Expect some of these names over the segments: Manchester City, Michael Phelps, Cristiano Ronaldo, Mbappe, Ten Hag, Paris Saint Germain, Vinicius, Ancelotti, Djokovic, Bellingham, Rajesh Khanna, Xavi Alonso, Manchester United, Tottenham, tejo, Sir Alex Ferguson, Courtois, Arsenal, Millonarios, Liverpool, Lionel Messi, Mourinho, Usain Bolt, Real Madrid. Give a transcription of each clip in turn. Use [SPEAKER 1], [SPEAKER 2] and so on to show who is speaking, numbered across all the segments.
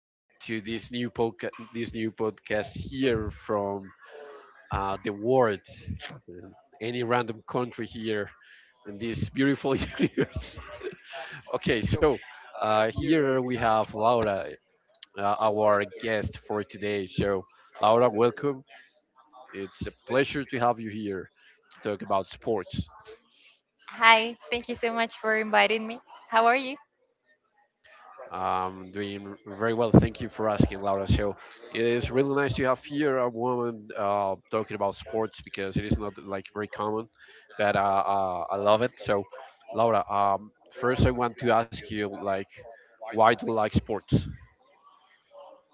[SPEAKER 1] And welcome to this new podcast. This new podcast here from the world, uh, any random country here in this beautiful universe. Okay, so here we have Laura, our guest for today. So, Laura, welcome. It's a pleasure to have you here to talk about sports.
[SPEAKER 2] Hi, thank you so much for inviting me. How are you?
[SPEAKER 1] Doing very well. Thank you for asking, Laura. So it is really nice to have here a woman talking about sports because it is not like very common, but I love it. So, Laura, first I want to ask you, like, why do you like sports?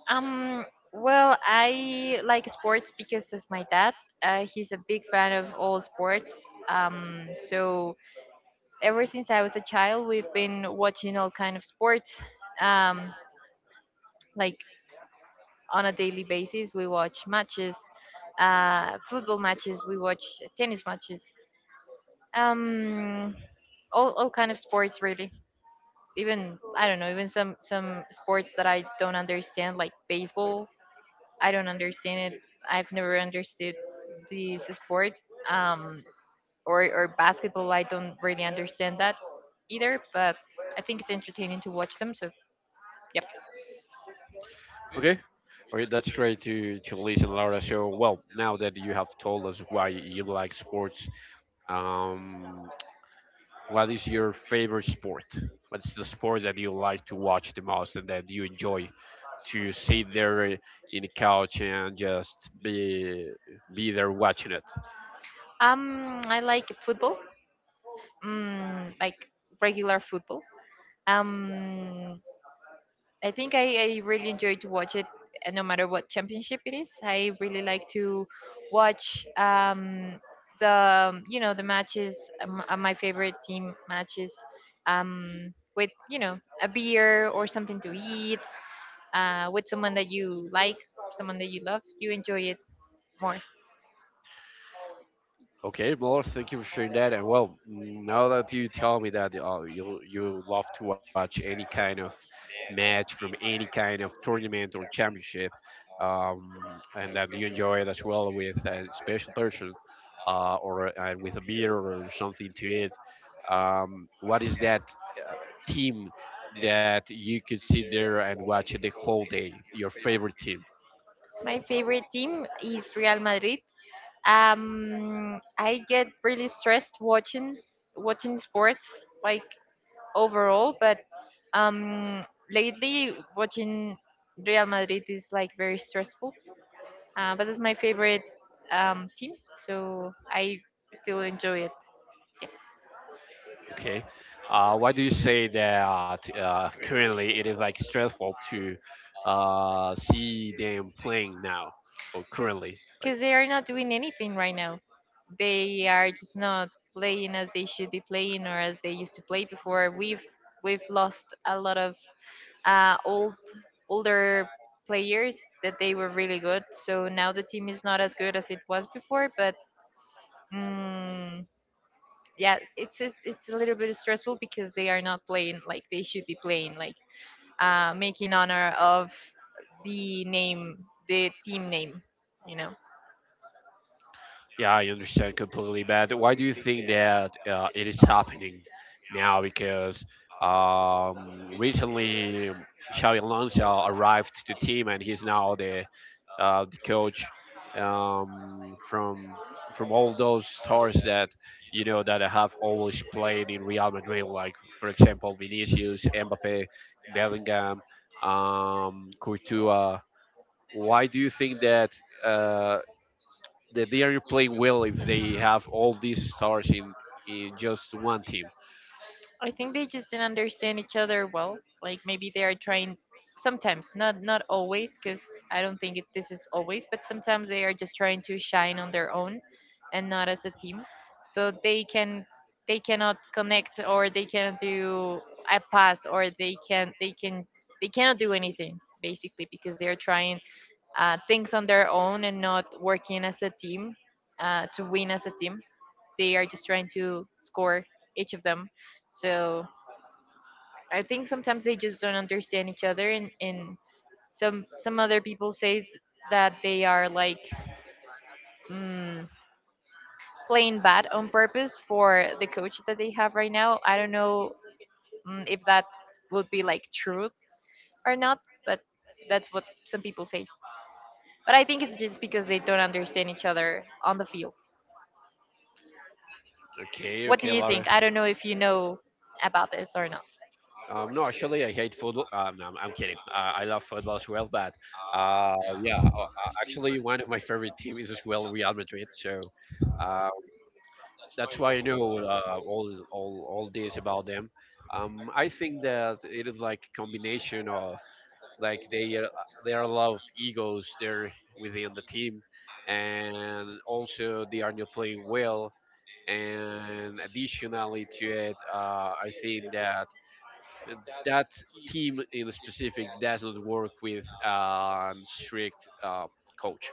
[SPEAKER 2] Um, well, I like sports because of my dad. He's a big fan of all sports. So ever since I was a child, we've been watching all kind of sports. Um, like on a daily basis, we watch matches, football matches, we watch tennis matches. Um, all kind of sports, really. Even I don't know, even some sports that I don't understand, like baseball. I don't understand it. I've never understood this sport. Um, or basketball. I don't really understand that either. But I think it's entertaining to watch them. So yep.
[SPEAKER 1] Okay, okay, that's great to listen, Laura. So, well, now that you have told us why you like sports, um, what is your favorite sport? What's the sport that you like to watch the most and that you enjoy to sit there in the couch and just be there watching it?
[SPEAKER 2] I like football. Like regular football. Um, I think I really enjoy to watch it, no matter what championship it is. I really like to watch the you know the matches, my favorite team matches, with a beer or something to eat, with someone that you like, someone that you love, you enjoy it more.
[SPEAKER 1] Okay, well, thank you for sharing that. And well, mm, now that you tell me that you love to watch any kind of match from any kind of tournament or championship, and that you enjoy it as well with a special person, or with a beer or something to it. What is that uh, team that you could sit there and watch the whole day? Your favorite team?
[SPEAKER 2] My favorite team is Real Madrid. I get really stressed watching sports, like, overall, but Um, lately, watching Real Madrid is like very stressful, but it's my favorite team, so I still enjoy it. Yeah.
[SPEAKER 1] Okay. Why do you say that currently it is like stressful to see them playing now or
[SPEAKER 2] because
[SPEAKER 1] currently? Like,
[SPEAKER 2] because they are not doing anything right now. They are just not playing as they should be playing or as they used to play before. We've lost a lot of uh, old older players that they were really good. So now the team is not as good as it was before, but. Mm, yeah, it's a little bit stressful because they are not playing like they should be playing, like, making honor of the name, the team name you know
[SPEAKER 1] yeah, I understand completely, but why do you think that it is happening now? Because recently Xavi Alonso arrived to the team, and he's now the coach um, from from all those stars that you know that have always played in Real Madrid, like for example Vinicius, Mbappe, Bellingham, Courtois. Why do you think that uh, that they are playing well if they have all these stars in just one team?
[SPEAKER 2] I think they just didn't understand each other well. Like maybe they are trying sometimes, not always, because I don't think this is always, but sometimes they are just trying to shine on their own and not as a team. So they cannot connect, or they cannot do a pass, or they cannot do anything basically because they are trying things on their own and not working as a team, to win as a team. They are just trying to score each of them. So I think sometimes they just don't understand each other, and some other people say that they are like, mm, playing bad on purpose for the coach that they have right now. I don't know, if that would be like true or not, but that's what some people say. But I think it's just because they don't understand each other on the field.
[SPEAKER 1] Okay,
[SPEAKER 2] What do
[SPEAKER 1] okay,
[SPEAKER 2] you
[SPEAKER 1] Laura.
[SPEAKER 2] think? I don't know if you know about this or not.
[SPEAKER 1] No, actually, I hate football. No, I'm kidding. I love football as well, but uh, yeah, actually, one of my favorite teams is as well Real Madrid. So uh, that's why I know all this about them. I think that it is like a combination of, like, they are a lot of egos there within the team, and also they are not playing well, and additionally to it I think that that team in specific does not work with a strict coach.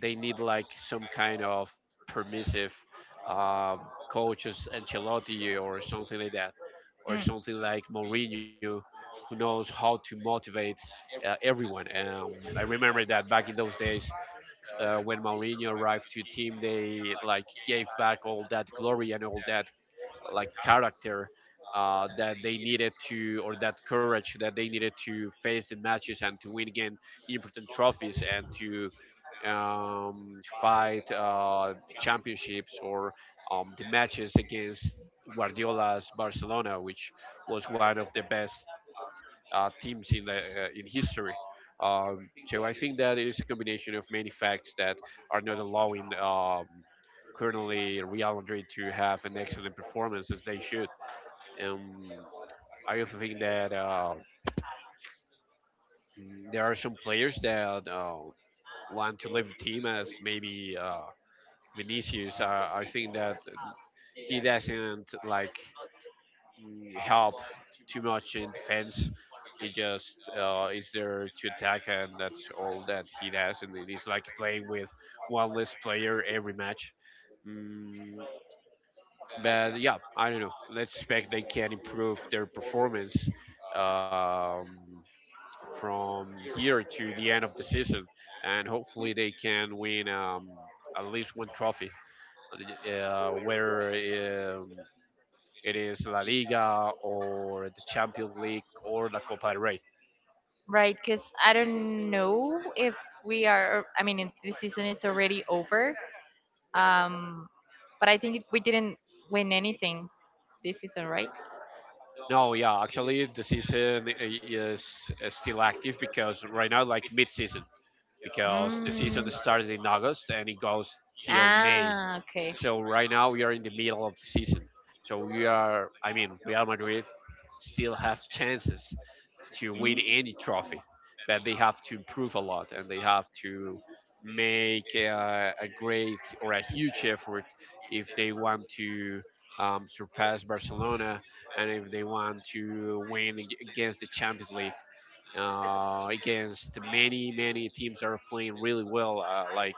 [SPEAKER 1] They need like some kind of permissive um, coaches, Ancelotti or something like that, or
[SPEAKER 2] Mm,
[SPEAKER 1] something like Mourinho, who knows how to motivate everyone. I remember that back in those days when Mourinho arrived to a team, they like gave back all that glory and all that, like, character that courage that they needed to face the matches and to win again important trophies and to fight championships or the matches against Guardiola's Barcelona, which was one of the best teams in the in history. So I think that it is a combination of many facts that are not allowing currently Real Madrid to have an excellent performance as they should. And I also think that there are some players that want to leave the team, as maybe Vinicius. I think that he doesn't like help too much in defense. He just is there to attack, and that's all that he does. And it is like playing with one less player every match. Mm, but yeah, I don't know. Let's expect they can improve their performance um, from here to the end of the season, and hopefully they can win at least one trophy, whether um, it is La Liga or the Champions League or the Copa del Rey.
[SPEAKER 2] right. Because I don't know if we are. I mean, the season is already over. Um, but I think we didn't win anything this season, right?
[SPEAKER 1] No, yeah, actually the season is still active, because right now, like, mid-season, because the season
[SPEAKER 2] Mm.
[SPEAKER 1] started in August and it goes till May.
[SPEAKER 2] Ah, okay.
[SPEAKER 1] So right now we are in the middle of the season. So we are, I mean, Real Madrid still have chances to win
[SPEAKER 2] Mm.
[SPEAKER 1] any trophy, but they have to improve a lot and they have to make a great or a huge effort if they want to surpass Barcelona and if they want to win against the Champions League against many many teams that are playing really well, uh, like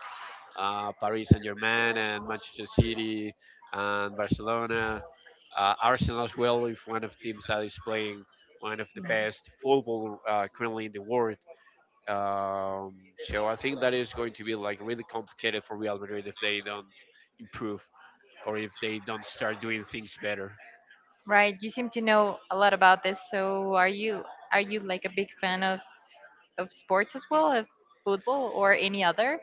[SPEAKER 1] uh, Paris Saint Germain and Manchester City and Barcelona. Arsenal as well is one of the teams that is playing one of the best football currently in the world. So I think that is going to be like really complicated for Real Madrid if they don't improve or if they don't start doing things better.
[SPEAKER 2] Right. You seem to know a lot about this. So are you like a big fan of sports as well, of football or any other?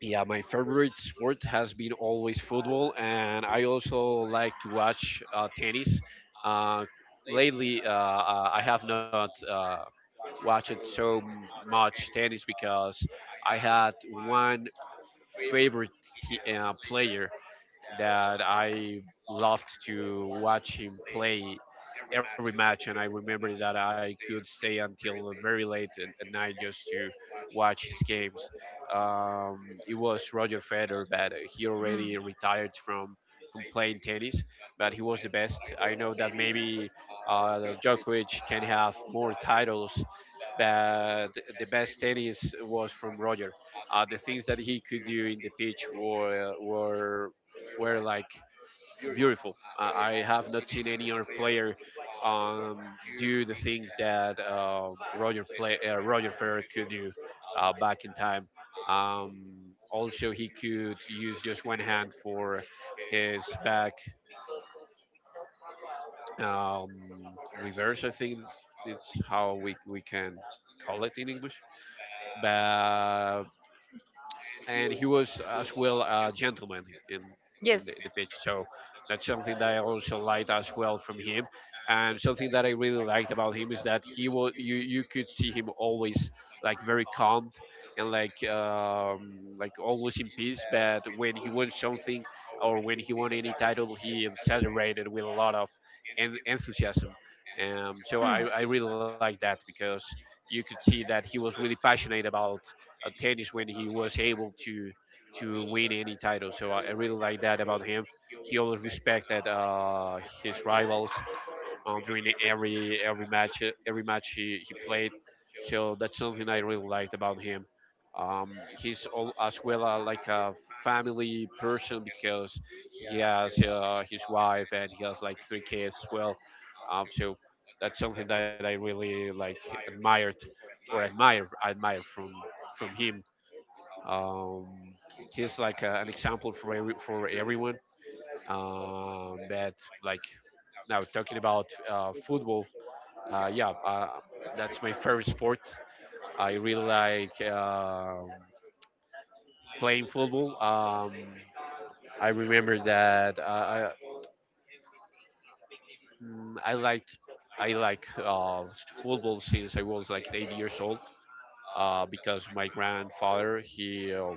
[SPEAKER 1] Yeah, my favorite sport has been always football, and I also like to watch tennis. Uh, lately, I have not watched so much tennis because I had one favorite player that I loved to watch him play every match, and I remember that I could stay until very late at night just to watch his games. It was Roger Federer, but he
[SPEAKER 2] Mm.
[SPEAKER 1] already retired from playing tennis, but he was the best. I know that maybe Djokovic can have more titles, but the best tennis was from Roger. The things that he could do in the pitch were like beautiful. I have not seen any other player do the things that Roger Federer could do back in time. Also, he could use just one hand for his back um, reverse. I think it's how we can call it in English. But and he was as well a gentleman in
[SPEAKER 2] Yes.
[SPEAKER 1] the pitch. So that's something that I also liked as well from him. And something that I really liked about him is that he was, you could see him always like very calm and like always in peace. But when he won something or when he won any title, he celebrated with a lot of enthusiasm. So I,
[SPEAKER 2] Mm.
[SPEAKER 1] I really like that, because you could see that he was really passionate about tennis when he was able to win any title. So I really like that about him. He always respected his rivals during every match, every match he played. So that's something I really liked about him. He's all, as well like a family person because he has his wife and he has like three kids as well. So that's something that I really like, admired, or admire from him. um, he's like an example for for everyone. That like now talking about football. Yeah, that's my favorite sport. I really like playing football. I remember that mm, I liked I like football since I was like 8 years old because my grandfather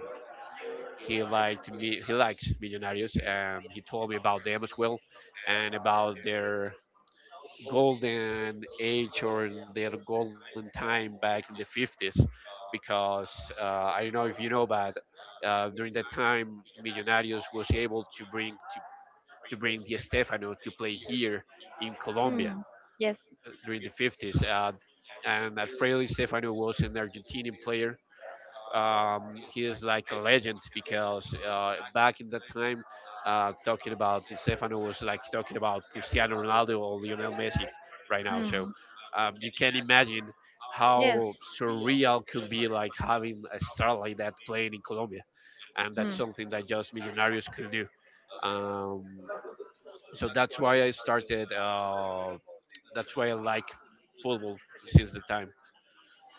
[SPEAKER 1] he liked me. He likes Millonarios. He told me about them as well, and about their golden age or their golden time back in the 50s. Because I don't know if you know, but during that time, Millonarios was able to to bring Di Stefano to play here in Colombia
[SPEAKER 2] Hmm. Yes.
[SPEAKER 1] during the 50s. And Alfredo Di Stefano was an Argentinian player. He is like a legend because back in that time, talking about Di Stefano was like talking about Cristiano Ronaldo or Lionel Messi right now. So
[SPEAKER 2] Hmm.
[SPEAKER 1] um, you can imagine
[SPEAKER 2] Yes.
[SPEAKER 1] how surreal could be, like, having a star like that playing in Colombia, and that's
[SPEAKER 2] Hmm.
[SPEAKER 1] something that just Millonarios could do. Um, so that's why I started. That's why I like football since the time.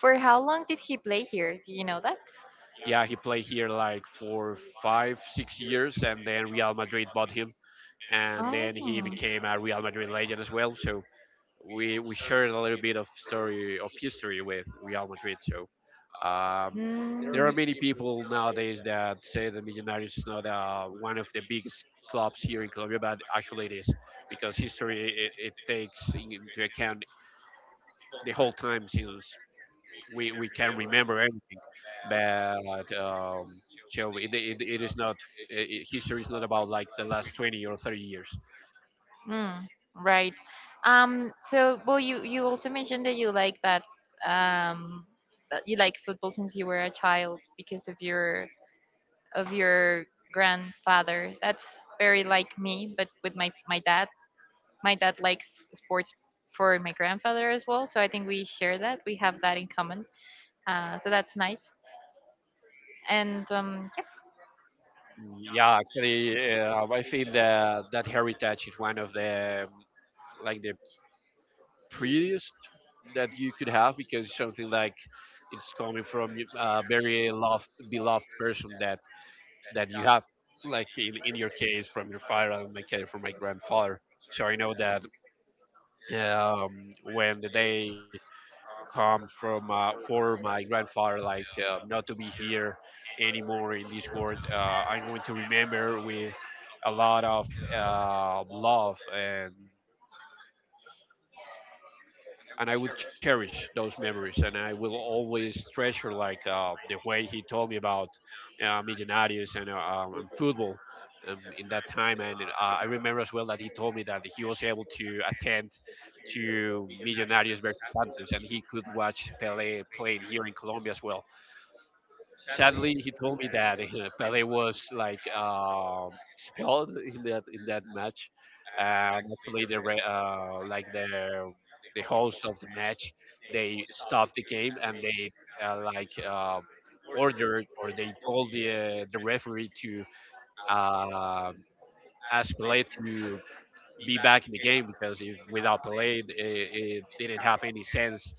[SPEAKER 2] For how long did he play here? Do you know that?
[SPEAKER 1] Yeah, he played here like for five, 6 years, and then Real Madrid bought him, and then he
[SPEAKER 2] Oh.
[SPEAKER 1] became a Real Madrid legend as well. So we shared a little bit of story of history with Real Madrid. Um,
[SPEAKER 2] Hmm.
[SPEAKER 1] there are many people nowadays that say that Millonarios is not one of the biggest clubs here in Colombia, but actually it is because history, it takes into account the whole time since we can remember everything, but it is not history is not about like the last 20 or 30 years.
[SPEAKER 2] Mm, right. So, well, you also mentioned that you like um that you like football since you were a child because of your grandfather. That's very like me, but with my dad. My dad likes sports for my grandfather as well, so I think we share that. We have that in common, so that's nice. And yeah.
[SPEAKER 1] Yeah actually, I think that that heritage is one of the like the prettiest that you could have, because it's something like it's coming from a very loved, beloved person that that you have, like in your case from your father and my case from my grandfather. So I know that, um, when the day comes from for my grandfather, like not to be here anymore in this world, I'm going to remember with a lot of love, and I would cherish those memories, and I will always treasure like the way he told me about Millonarios and football in that time. And I remember as well that he told me that he was able to attend to Millonarios versus Santos, and he could watch Pele playing here in Colombia as well. Sadly, he told me that Pele was like expelled in that match, and actually like the host of the match, they stopped the game and they uh, like uh, ordered, or they told the referee to uh, ask Pele to be back in the game, because if without Pelé, it didn't have any sense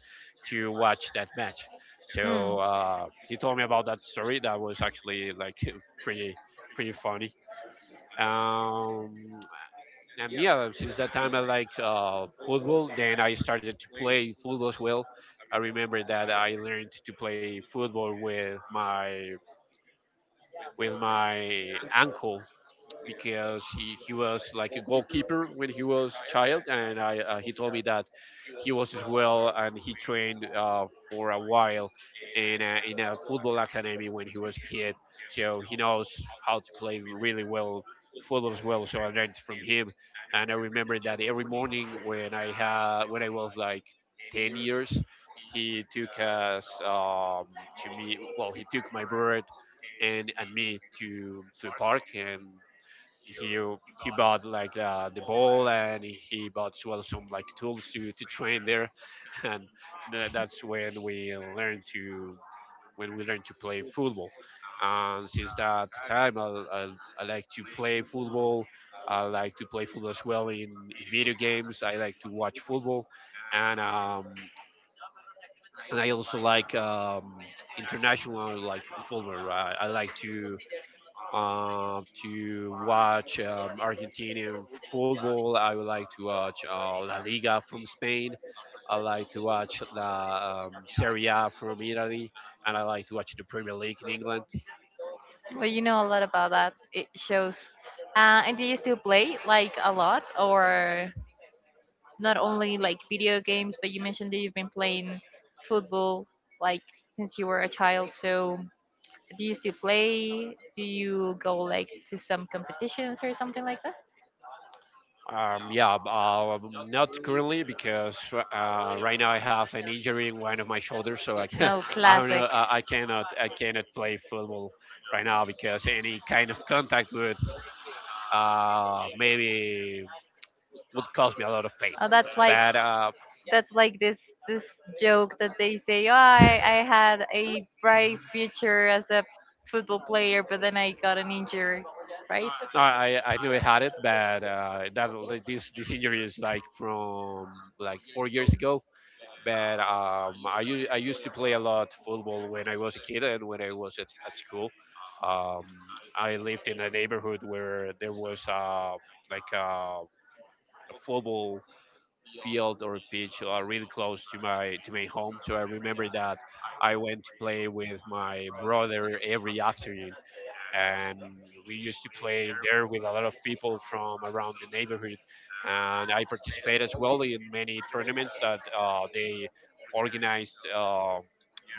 [SPEAKER 1] to watch that match.
[SPEAKER 2] Mm.
[SPEAKER 1] So he told me about that story. That was actually like pretty pretty funny. Um, and yeah, since that time I like football. Then I started to play football as well. I remember that I learned to play football with my uncle, because he was like a goalkeeper when he was child, and he told me that he was as well, and he trained for a while in a football academy when he was a kid, so he knows how to play really well football as well, so I learned from him. And I remember that every morning when I had when I was like 10 years, he took us to me well he took my bird and me to a park, and he he bought like the ball, and he bought as well some like tools to train there. And that's when we learned to play football. And since that time I like to play football. I like to play football as well in video games. I like to watch football, and um and I also like international like football. I like to watch Argentinian football. I would like to watch La Liga from Spain. I like to watch the Serie A from Italy, and I like to watch the Premier League in England.
[SPEAKER 2] Well, you know a lot about that. It shows. And do you still play, like, a lot? Or not only, like, video games, but you mentioned that you've been playing football, like, since you were a child. So do you still play? Do you go, like, to some competitions or something like that?
[SPEAKER 1] Not currently, because right now I have an injury in one of my shoulders, so I can,
[SPEAKER 2] No,
[SPEAKER 1] I'm
[SPEAKER 2] classic.
[SPEAKER 1] not, I I cannot I cannot play football right now, because any kind of contact would maybe would cause me a lot of pain.
[SPEAKER 2] Oh, that's like,
[SPEAKER 1] But
[SPEAKER 2] that's like this this joke that they say, "Oh, I had a bright future as a football player, but then I got an injury." Right?
[SPEAKER 1] no, I never had it, but that this injury is like from like 4 years ago. But I used to play a lot football when I was a kid and when I was at school. Um, I lived in a neighborhood where there was like uh, a football field or pitch really close to my home. So I remember that I went to play with my brother every afternoon, and we used to play there with a lot of people from around the neighborhood. And I participated as well in many tournaments that they organized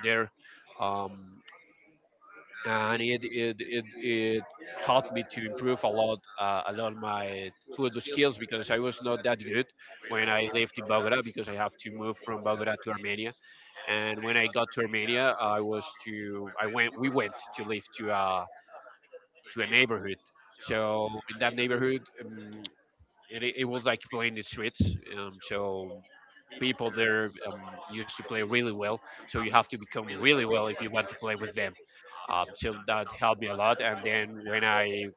[SPEAKER 1] there. Um, and it it it, it helped me to improve a lot of my food skills, because I was not that good when I lived in Bogota, because I have to move from Bogota to Armenia, and when I got to Armenia, I went, we went to live to a neighborhood. So in that neighborhood, it was like playing the streets. So people there used to play really well. So you have to become really well if you want to play with them. So that helped me a lot. And then when I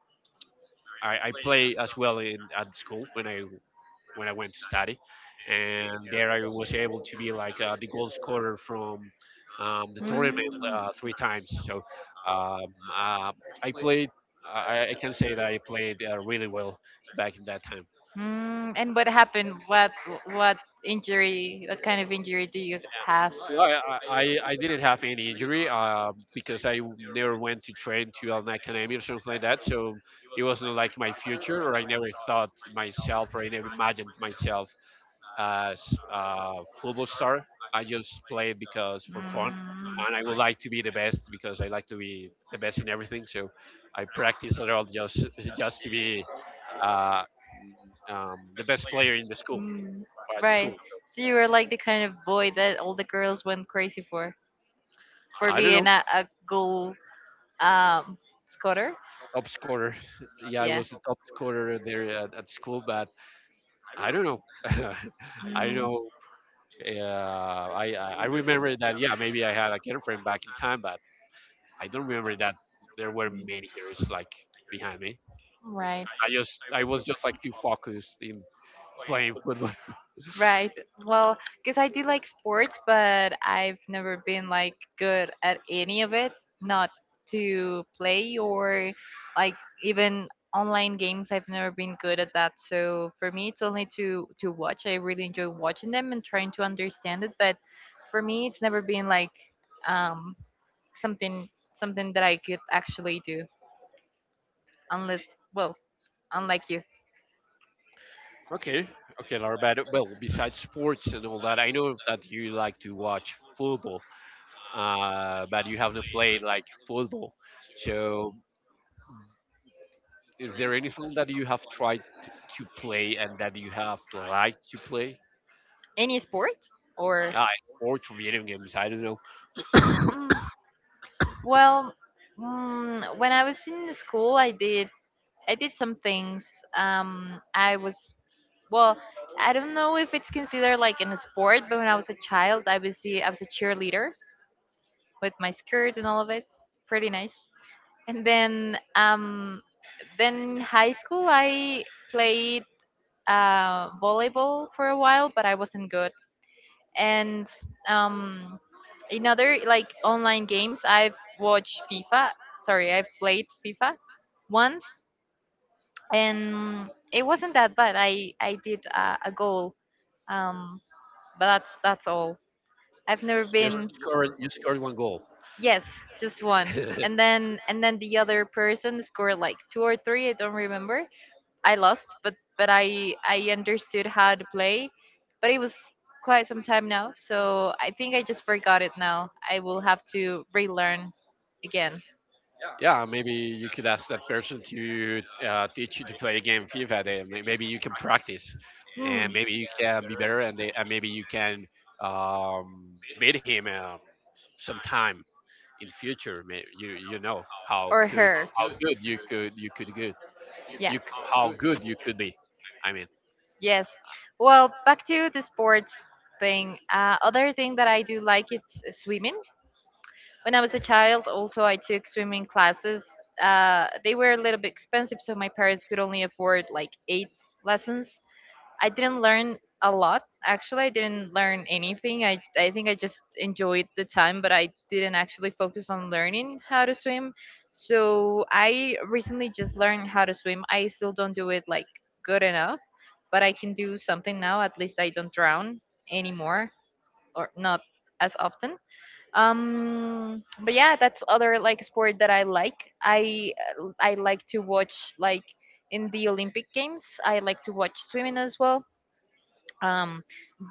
[SPEAKER 1] I, I play as well in at school when I went to study, and there I was able to be like the goal scorer from the tournament
[SPEAKER 2] Mm.
[SPEAKER 1] 3 times. So um, uh, I played. I can say that I played really well back in that time.
[SPEAKER 2] And what happened? What injury? What kind of injury do you have? Mm.
[SPEAKER 1] No, I didn't have any injury, because never went to train to an academy or something like that. So it wasn't like my future, or I never thought myself, or I never imagined myself as a football star. I just played because for fun,
[SPEAKER 2] Mm,
[SPEAKER 1] and I would like to be the best because I like to be the best in everything. So I practice at all just to be uh, the best player in the school or at
[SPEAKER 2] right.
[SPEAKER 1] school.
[SPEAKER 2] So you were like the kind of boy that all the girls went crazy for
[SPEAKER 1] I don't know.
[SPEAKER 2] being a goal, um, scorer.
[SPEAKER 1] Top scorer. Yeah, I was the top scorer there at school, but I don't know. I don't
[SPEAKER 2] Mm,
[SPEAKER 1] know. I remember that. Yeah, maybe I had a girlfriend back in time, but I don't remember that there were many girls like behind me.
[SPEAKER 2] right.
[SPEAKER 1] I was just like too focused in playing football.
[SPEAKER 2] Right. Well, because I do like sports, but I've never been like good at any of it, not to play, or, like, even online games. I've never been good at that. So for me, it's only to watch. I really enjoy watching them and trying to understand it, but for me, it's never been like, um something something that I could actually do, unless, well, unlike you,
[SPEAKER 1] Okay, okay, Laura. But well, besides sports and all that, I know that you like to watch football, but you haven't played like football. So is there any film that you have tried to play and that you have liked to play?
[SPEAKER 2] any sport or,
[SPEAKER 1] Yeah, or to video games. I don't know.
[SPEAKER 2] mm, well, when I was in school, I did some things. I was, well, I don't know if it's considered, like, in a sport, but when I was a child, I was a cheerleader, with my skirt and all of it, pretty nice. And then, then high school, I played, volleyball for a while, but I wasn't good. And um, in other, like, online games, I've watched FIFA, sorry, I've played FIFA once, and it wasn't that bad. I did a goal, um but that's all. I've never
[SPEAKER 1] You
[SPEAKER 2] been.
[SPEAKER 1] scored. You scored one goal.
[SPEAKER 2] Yes, just one. And then the other person scored like two or three, I don't remember. I lost, but I understood how to play, but it was quite some time now, so I think I just forgot it now. I will have to relearn again.
[SPEAKER 1] Yeah, maybe you could ask that person to teach you to play a game FIFA. Maybe you can practice,
[SPEAKER 2] Hmm.
[SPEAKER 1] and maybe you can be better, and maybe you can um, beat him, sometime in the future. You you know how
[SPEAKER 2] Or
[SPEAKER 1] could
[SPEAKER 2] her.
[SPEAKER 1] how good you could good
[SPEAKER 2] Yeah.
[SPEAKER 1] you c- how good you could be. I mean.
[SPEAKER 2] Yes. Well, back to the sports thing. Other thing that I do like, it's swimming. When I was a child, also I took swimming classes. They were a little bit expensive, so my parents could only afford like 8 lessons. I didn't learn a lot. Actually, I didn't learn anything. I think I just enjoyed the time, but I didn't actually focus on learning how to swim. So I recently just learned how to swim. I still don't do it like good enough, but I can do something now. At least I don't drown anymore, or not as often. But yeah, that's other, like, sport that I like. I like to watch, like, in the Olympic Games I like to watch swimming as well. um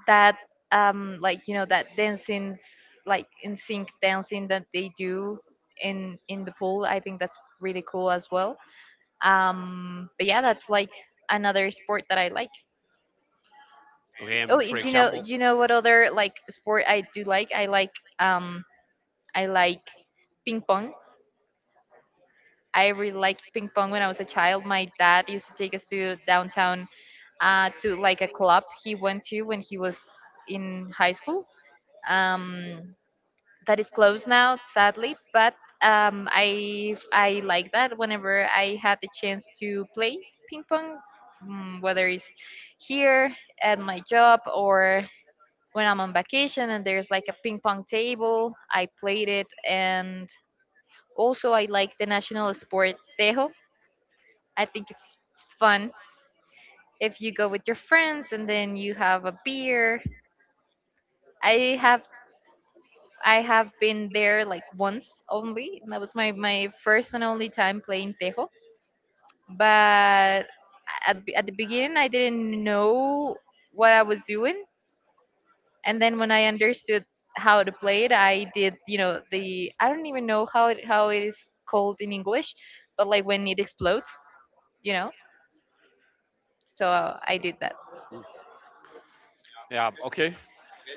[SPEAKER 2] that, like, you know, that dancing, like in sync dancing that they do in the pool, I think that's really cool as well. But yeah, that's, like, another sport that I like. Oh,
[SPEAKER 1] For example,
[SPEAKER 2] you know what other, like, sport I do like? I like, um I like ping pong. I really liked ping pong when I was a child. My dad used to take us to downtown, to, like, a club he went to when he was in high school. Um, that is closed now, sadly, but I like that whenever I had the chance to play ping pong, whether it's here at my job or when I'm on vacation and there's, like, a ping pong table, I played it. And also, I like the national sport, tejo. I think it's fun if you go with your friends and then you have a beer. I have I have been there, like, once only, and that was my first and only time playing tejo. But at the beginning, I didn't know what I was doing, and then when I understood how to play it, I did, you know, the, I don't even know how it is called in English, but like when it explodes, you know. So I did that.
[SPEAKER 1] Mm, yeah, Okay,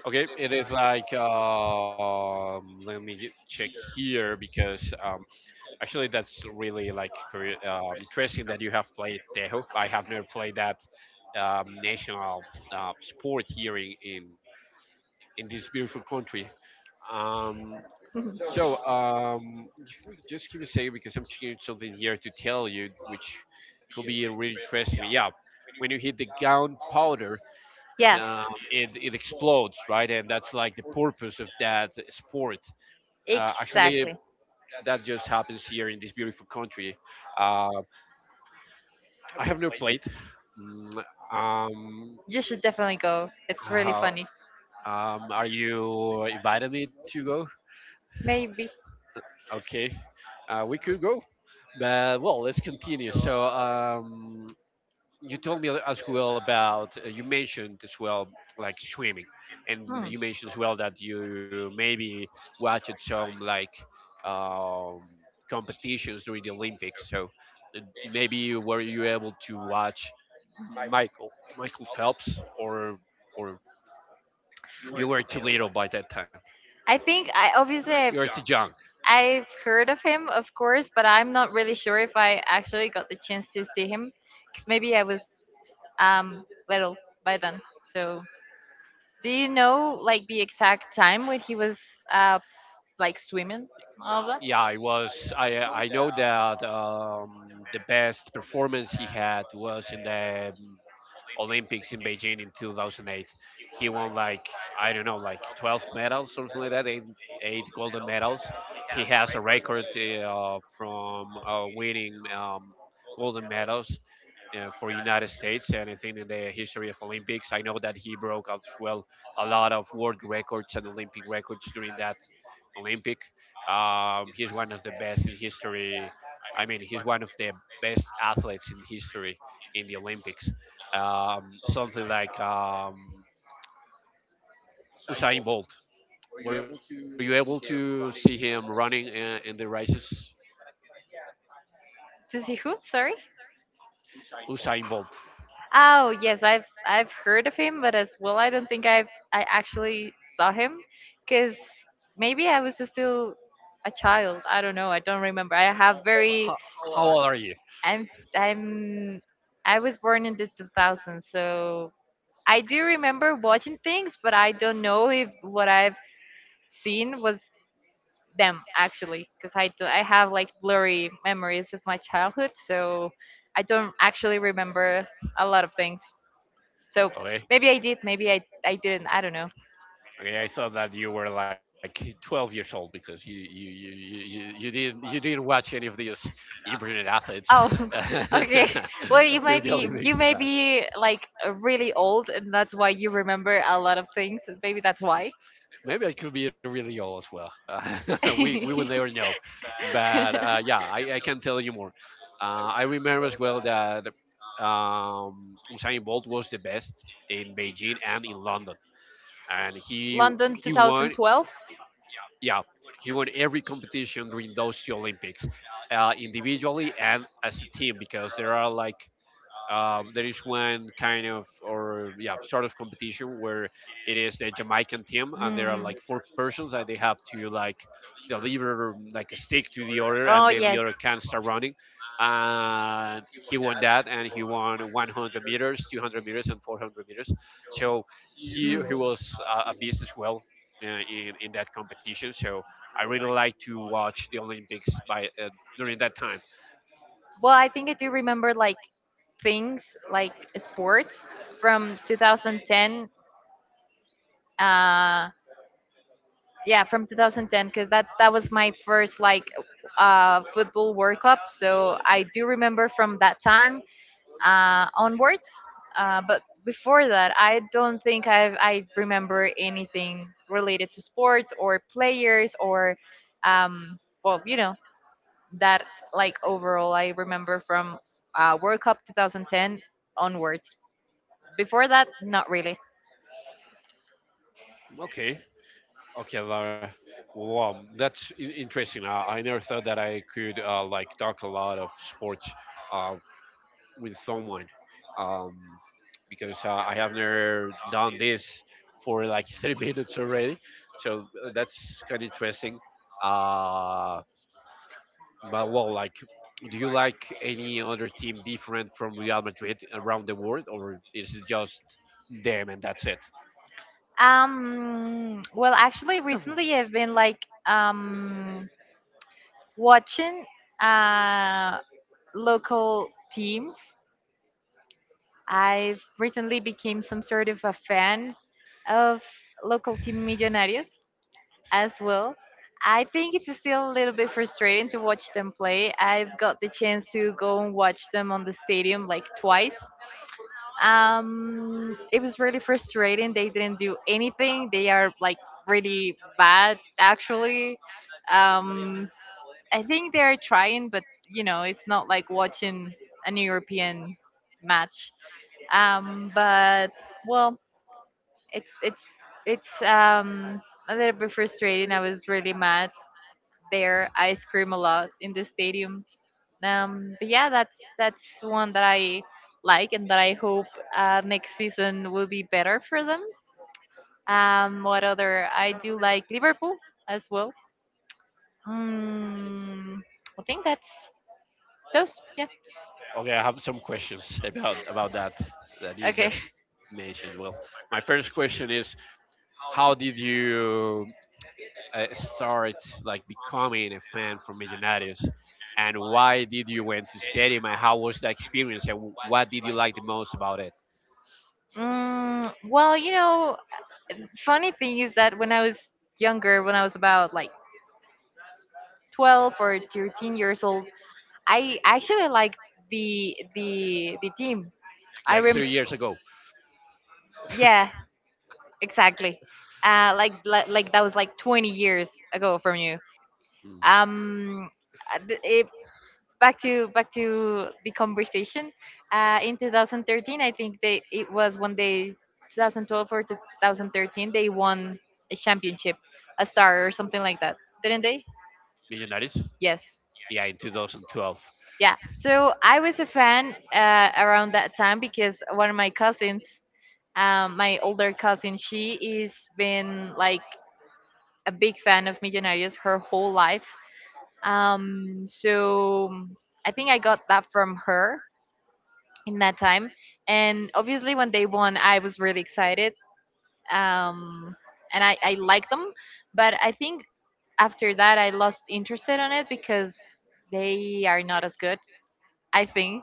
[SPEAKER 1] okay, it is like let me check here because actually that's really like interesting that you have played Tejo. I have never played that national sport here in, in this beautiful country. Um, if just give me a second because I'm checking something here to tell you, which could be really interesting. Yeah, when you hit the gunpowder,
[SPEAKER 2] Yeah,
[SPEAKER 1] it explodes, right? And that's like the purpose of that sport. Actually,
[SPEAKER 2] exactly.
[SPEAKER 1] that just happens here in this beautiful country. Uh, I have never played. Mm. Um,
[SPEAKER 2] You should definitely go. It's really
[SPEAKER 1] how,
[SPEAKER 2] funny.
[SPEAKER 1] are you inviting me to go?
[SPEAKER 2] Maybe.
[SPEAKER 1] Okay, we could go, but well, let's continue. So, you told me as well about you mentioned as well like swimming, and
[SPEAKER 2] Hmm.
[SPEAKER 1] you mentioned as well that you maybe watched some like um, competitions during the Olympics. So maybe were you able to watch Michael Michael Phelps, or or you were too little by that time?
[SPEAKER 2] I think I, obviously,
[SPEAKER 1] You
[SPEAKER 2] I've,
[SPEAKER 1] were too young.
[SPEAKER 2] I've heard of him, of course, but I'm not really sure if I actually got the chance to see him because maybe I was little by then. So, do you know, like, the exact time when he was uh like swimming? And all of that.
[SPEAKER 1] Yeah, I was. I know that the best performance he had was in the Olympics in Beijing in 2008. He won like I don't know, like 12 medals, something like that. Eight, eight golden medals. He has a record from winning golden medals for United States. And I think in the history of Olympics, I know that he broke as well a lot of world records and Olympic records during that Olympic. He's one of the best in history. I mean, he's one of the best athletes in history in the Olympics. Something like Usain Bolt. Were you able to see him running in the races?
[SPEAKER 2] To see who? Sorry.
[SPEAKER 1] Usain Bolt.
[SPEAKER 2] Oh yes, I've heard of him, but as well, I don't think I actually saw him, because maybe I was still a child. I don't know. I don't remember. I have very
[SPEAKER 1] How, how old are you?
[SPEAKER 2] I'm I'm I was born in the 2000s, so I do remember watching things, but I don't know if what I've seen was them, actually, because I do, I have, like, blurry memories of my childhood, so I don't actually remember a lot of things. So maybe
[SPEAKER 1] Okay.
[SPEAKER 2] I did, maybe I didn't. I don't know.
[SPEAKER 1] Okay, I thought that you were like 12 years old because you didn't you didn't watch any of these internet athletes
[SPEAKER 2] Oh, okay. Well, you
[SPEAKER 1] during
[SPEAKER 2] might
[SPEAKER 1] the
[SPEAKER 2] be you
[SPEAKER 1] Olympics,
[SPEAKER 2] may
[SPEAKER 1] but
[SPEAKER 2] be like really old, and that's why you remember a lot of things. And Maybe that's why.
[SPEAKER 1] maybe I could be really old as well. We will never know, but yeah, I can tell you more. I remember as well that Usain Bolt was the best in Beijing and in London, and
[SPEAKER 2] London
[SPEAKER 1] he won
[SPEAKER 2] 2012.
[SPEAKER 1] Yeah, he won every competition during those two Olympics, individually and as a team, because there are like there is one kind of, or yeah, sort of competition where it is a Jamaican team and there are
[SPEAKER 2] Mm.
[SPEAKER 1] like four persons and they have to like deliver like a stick to the other,
[SPEAKER 2] Oh
[SPEAKER 1] and then the
[SPEAKER 2] yes.
[SPEAKER 1] other can start running. And he won that, and he won 100 meters, 200 meters, and 400 meters. So he
[SPEAKER 2] Mm.
[SPEAKER 1] he was a beast as well in that competition. So I really like to watch the Olympics by during that time.
[SPEAKER 2] Well, I think I do remember like things like sports from 2010. Uh, yeah, from 2010 because that was my first like football World Cup. So I do remember from that time onwards. But before that, I don't think I remember anything related to sports or players or, um, well, you know, that like overall I remember from World Cup 2010 onwards. Before that, not really.
[SPEAKER 1] Okay, okay, Laura. Wow, that's interesting. I never thought that I could like talk a lot of sports, uh, with someone, um, because I have never done this for like 3 minutes already. So that's kind of interesting. Uh, but, do you like any other team different from Real Madrid around the world, or is it just them and that's it?
[SPEAKER 2] Well, actually, recently I've been like watching uh, local teams. I've recently became some sort of a fan of local team Millonarios as well. I think it's still a little bit frustrating to watch them play. I've got the chance to go and watch them on the stadium like twice. It was really frustrating. They didn't do anything. They are like really bad actually. Um, I think they are trying, but you know, it's not like watching an European match. But well, it's it's it's a little bit frustrating. I was really mad there. I scream a lot in the stadium. But yeah, that's one that I like and that I hope next season will be better for them. What other? I do like Liverpool as well. Mm, I think that's those. Yeah.
[SPEAKER 1] Okay, I have some questions about that that you
[SPEAKER 2] Okay.
[SPEAKER 1] just mentioned. Well, my first question is, how did you start like becoming a fan from Millonarios, and why did you went to stadium, and how was the experience, and what did you like the most about it?
[SPEAKER 2] Mm, well, you know, funny thing is that when I was younger, when I was about like 12 or 13 years old, I actually like the team. I
[SPEAKER 1] Like
[SPEAKER 2] rem
[SPEAKER 1] 3 years ago.
[SPEAKER 2] Yeah, exactly. Like that was like 20 years ago from you.
[SPEAKER 1] Mm,
[SPEAKER 2] um uh, th- it, back to the conversation. In 2013, I think they it was when they 2012 or 2013 they won a championship, a star or something like that, didn't they?
[SPEAKER 1] Millonarios,
[SPEAKER 2] Yes.
[SPEAKER 1] yeah, in 2012.
[SPEAKER 2] Yeah, so I was a fan around that time because one of my cousins, my older cousin, she is been like a big fan of Millonarios her whole life. So I think I got that from her in that time. And obviously, when they won, I was really excited. Um, and I like them, but I think after that I lost interest on it because they are not as good. I think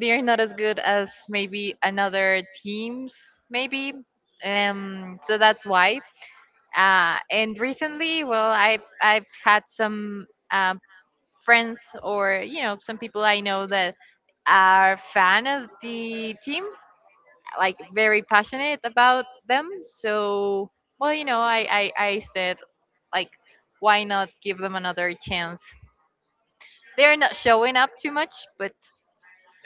[SPEAKER 2] they are not as good as maybe another teams, maybe. So that's why. And recently, well, I've had some uh, friends or you know some people I know that are fan of the team, like very passionate about them. So well, you know, I said like, why not give them another chance? They're not showing up too much, but.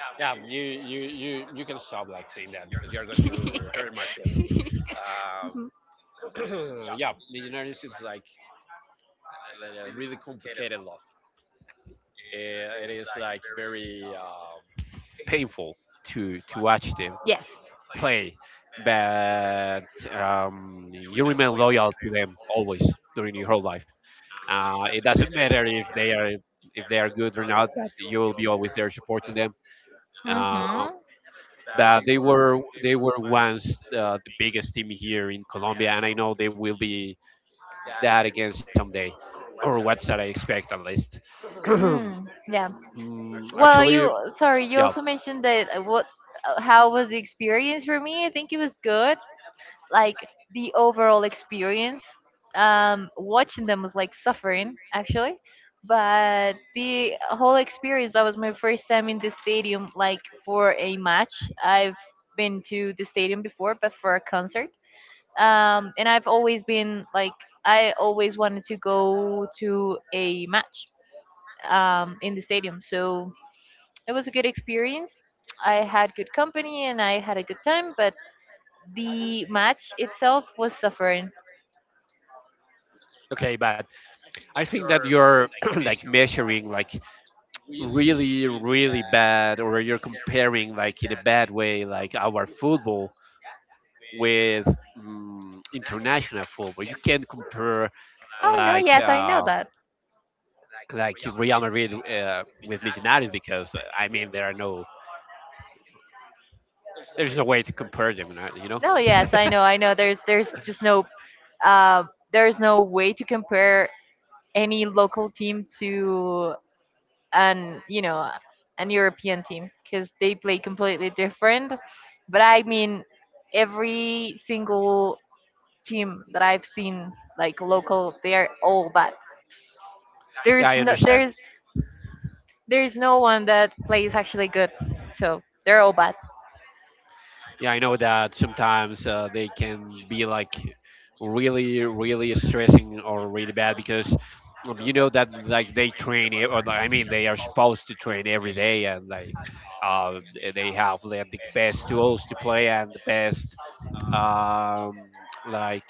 [SPEAKER 1] Yeah, you can stop like saying that because you're going to hurt my feelings.
[SPEAKER 2] Mhm.
[SPEAKER 1] Yeah, millionaires is like a really complicated love. Eh, it is like very painful to watch them
[SPEAKER 2] Yes.
[SPEAKER 1] play. But you remain loyal to them always during your whole life. It doesn't matter if they are, if they are good or not, but you will be always there supporting them. Uh,
[SPEAKER 2] Mm-hmm.
[SPEAKER 1] but they were, they were once the biggest team here in Colombia, and I know they will be that again someday, or what should I expect at least.
[SPEAKER 2] Mm, yeah.
[SPEAKER 1] Mm,
[SPEAKER 2] Well,
[SPEAKER 1] Actually,
[SPEAKER 2] you sorry, you
[SPEAKER 1] yeah,
[SPEAKER 2] also mentioned that what how was the experience for me? I think it was good. Like the overall experience watching them was like suffering actually, but the whole experience, that was my first time in the stadium like for a match. I've been to the stadium before, but for a concert. And I've always been like I always wanted to go to a match in the stadium. So it was a good experience. I had good company and I had a good time, but the match itself was suffering.
[SPEAKER 1] okay, but I think that you're like measuring like really really bad, or you're comparing like in a bad way like our football with, international football. You can't compare
[SPEAKER 2] Oh no,
[SPEAKER 1] like.
[SPEAKER 2] yes, I know that.
[SPEAKER 1] Like Real Madrid with Man, because I mean there are no, there's no way to compare them, right?
[SPEAKER 2] No, yes, I know, I know. There's just no uh, there's no way to compare any local team to an you know an European team because they play completely different. But I mean, every single team that I've seen, like local, they are all bad.
[SPEAKER 1] Yeah,
[SPEAKER 2] There's
[SPEAKER 1] I
[SPEAKER 2] no
[SPEAKER 1] understand.
[SPEAKER 2] there's there's no one that plays actually good. So they're all bad.
[SPEAKER 1] Yeah, I know that sometimes they can be like really really stressing or really bad because you know that like they train, or like, I mean they are supposed to train every day and like uh, they have like, the best tools to play and the best, um, like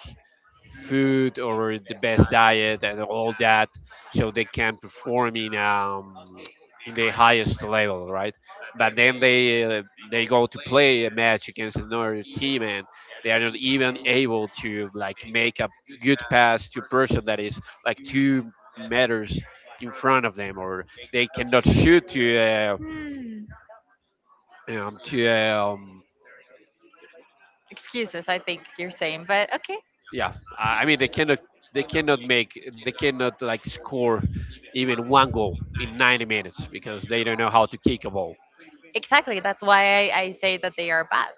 [SPEAKER 1] food or the best diet and all that, so they can perform in, in the highest level, right? But then they go to play a match against another team and they are not even able to like make a good pass to a person that is like 2 meters in front of them, or they cannot shoot to. Um, to um,
[SPEAKER 2] Excuses, I think you're saying, but okay,
[SPEAKER 1] yeah, I mean they cannot, they cannot make, they cannot like score even one goal in 90 minutes because they don't know how to kick a ball.
[SPEAKER 2] exactly. That's why I say that they are bad.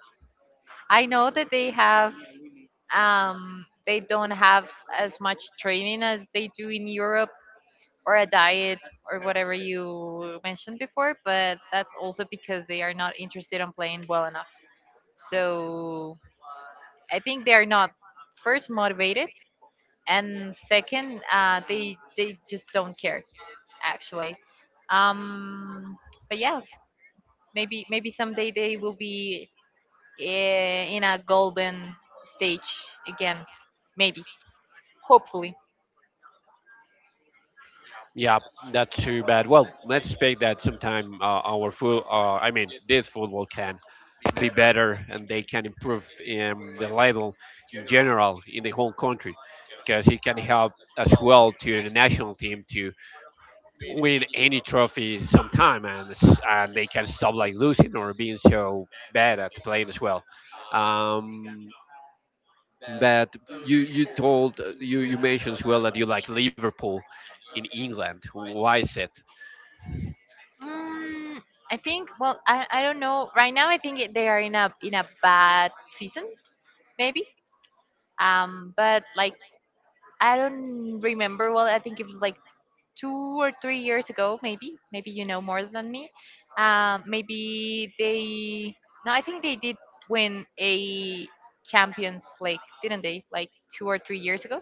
[SPEAKER 2] I know that they have they don't have as much training as they do in Europe or a diet or whatever you mentioned before, but that's also because they are not interested on playing well enough. So I think they are not first motivated, and second, they just don't care actually. Um, but yeah, maybe someday they will be in a golden stage again, maybe, hopefully.
[SPEAKER 1] Yeah, that's too bad. Well, let's expect that sometime our full I mean this football can be better and they can improve the level in general in the whole country, because it can help as well to the national team to win any trophy sometime, and and they can stop like losing or being so bad at playing as well. Um, but you you told you you mentioned as well that you like Liverpool in England. Why is it?
[SPEAKER 2] Mm, I think. Well, I don't know. Right now, they are in a bad season, maybe. But like I don't remember. Well, I think it was like 2 or 3 years ago, maybe. Maybe you know more than me. Maybe they. No, I think they did win a Champions League, didn't they? Like 2 or 3 years ago.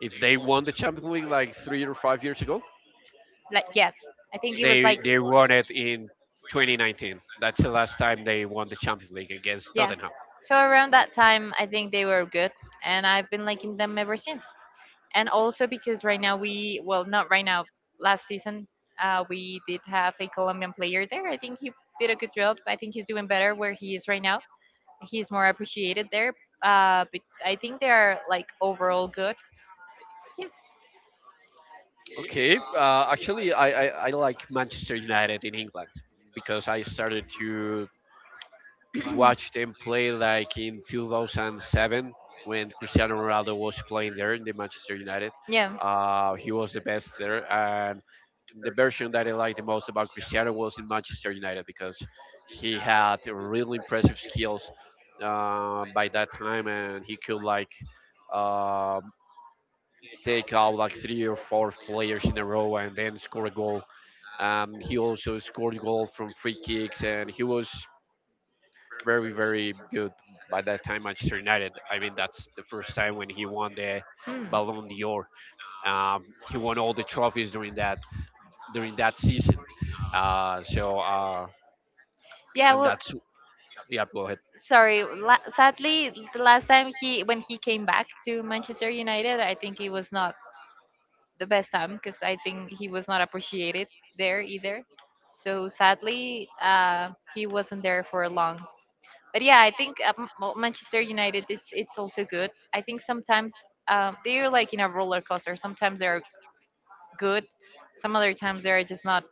[SPEAKER 1] If they won the Champions League like 3 or 5 years ago,
[SPEAKER 2] Like yes, I think it was
[SPEAKER 1] they
[SPEAKER 2] like
[SPEAKER 1] they won it in 2019. That's the last time they won the Champions League against
[SPEAKER 2] yeah.
[SPEAKER 1] Tottenham.
[SPEAKER 2] So around that time, I think they were good, and I've been liking them ever since. And also because right now we well not right now, last season we did have a Colombian player there. I think he did a good job. I think he's doing better where he is right now. He's more appreciated there. But I think they are like overall good. Yeah.
[SPEAKER 1] Okay, actually, I like Manchester United in England because I started to watched them play like in 2007 when Cristiano Ronaldo was playing there in the Manchester United.
[SPEAKER 2] Yeah.
[SPEAKER 1] He was the best there, and the version that I liked the most about Cristiano was in Manchester United because he had really impressive skills by that time, and he could like um take out like three or four players in a row and then score a goal. He also scored goal from free kicks, and he was very very good by that time Manchester United. I mean that's the first time when he won the
[SPEAKER 2] Hmm.
[SPEAKER 1] Ballon d'Or. He won all the trophies during that season. So
[SPEAKER 2] Yeah,
[SPEAKER 1] and
[SPEAKER 2] well,
[SPEAKER 1] that's yeah go ahead.
[SPEAKER 2] sorry. La- sadly, the last time he when he came back to Manchester United, I think it was not the best time because I think he was not appreciated there either. So sadly, he wasn't there for long. But yeah, I think well, Manchester United, it's also good. I think sometimes they're like in a roller coaster. Sometimes they're good, some other times they're just not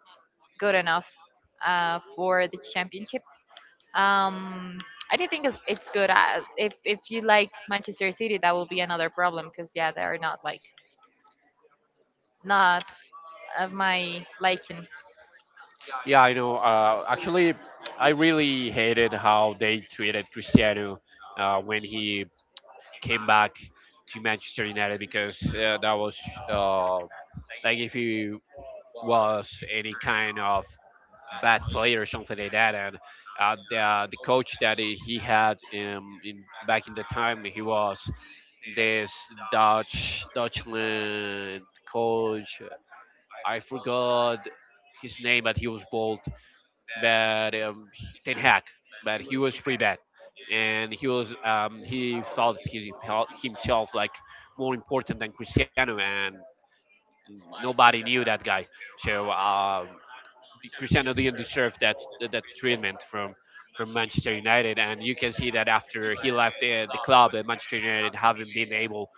[SPEAKER 2] good enough for the championship. Um, I do think it's good. If if you like Manchester City, that will be another problem because yeah, they are not like not of my liking.
[SPEAKER 1] Yeah, I know. Actually I really hated how they treated Cristiano when he came back to Manchester United, because that was uh, like if he was any kind of bad player or something like that. And the the coach that he had in back in the time, he was this Dutch Dutchland coach. I forgot his name, but he was bald. But Ten Hag, but he was pretty bad. And he was he thought he felt himself like more important than Cristiano, and nobody knew that guy. So Cristiano didn't deserve that that treatment from Manchester United, and you can see that after he left the club, Manchester United haven't been able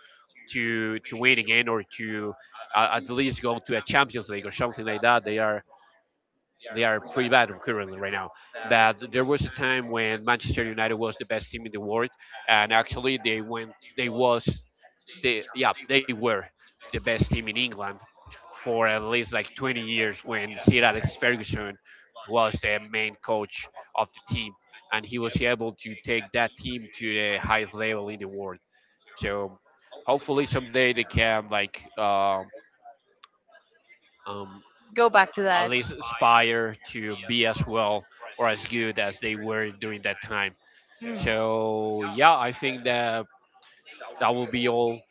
[SPEAKER 1] to win again or to at least go to a Champions League or something like that. They are pretty bad currently right now. But there was a time when Manchester United was the best team in the world, and actually they went, they was, they yeah, they were the best team in England for at least like 20 years when Sir Alex Ferguson was the main coach of the team, and he was able to take that team to the highest level in the world. So hopefully someday they can like. Um,
[SPEAKER 2] Go back to
[SPEAKER 1] at
[SPEAKER 2] that.
[SPEAKER 1] least aspire to be as well or as good as they were during that time.
[SPEAKER 2] Mm.
[SPEAKER 1] So yeah, I think that that will be all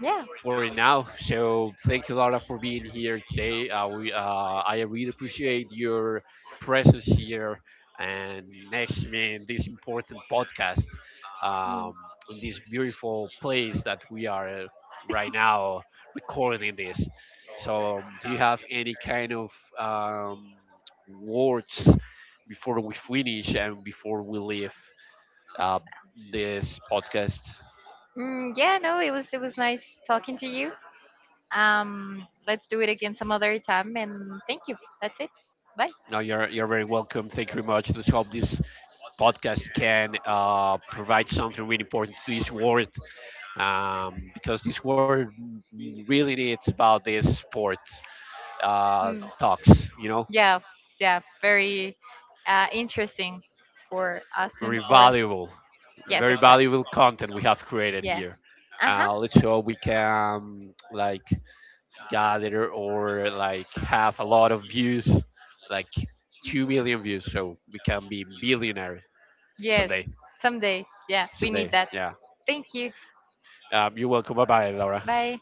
[SPEAKER 2] Yeah.
[SPEAKER 1] for it now. So thank you, Laura, for being here today. I really appreciate your presence here and next me in this important podcast, um, in this beautiful place that we are right now recording this. So, do you have any kind of um, words before we finish and before we leave uh, this podcast?
[SPEAKER 2] Mm, yeah, no, it was nice talking to you. Let's do it again some other time and thank you. That's it. Bye.
[SPEAKER 1] No, you're very welcome. Thank you very much. Let's hope this podcast can provide something really important to this world, because this world really needs about this sport uh,
[SPEAKER 2] Mm.
[SPEAKER 1] talks. You know,
[SPEAKER 2] Yeah, yeah, very interesting for us and
[SPEAKER 1] very
[SPEAKER 2] for
[SPEAKER 1] valuable,
[SPEAKER 2] yes,
[SPEAKER 1] very
[SPEAKER 2] exactly.
[SPEAKER 1] valuable content we have created
[SPEAKER 2] Yeah.
[SPEAKER 1] here.
[SPEAKER 2] Uh huh.
[SPEAKER 1] Let's hope we can like gather or like have a lot of views, like 2 million views, so we can be billionaire
[SPEAKER 2] Yes.
[SPEAKER 1] someday.
[SPEAKER 2] Someday. Yeah, we need
[SPEAKER 1] Someday,
[SPEAKER 2] that.
[SPEAKER 1] yeah.
[SPEAKER 2] Thank you.
[SPEAKER 1] You're welcome. Bye bye, Laura.
[SPEAKER 2] Bye.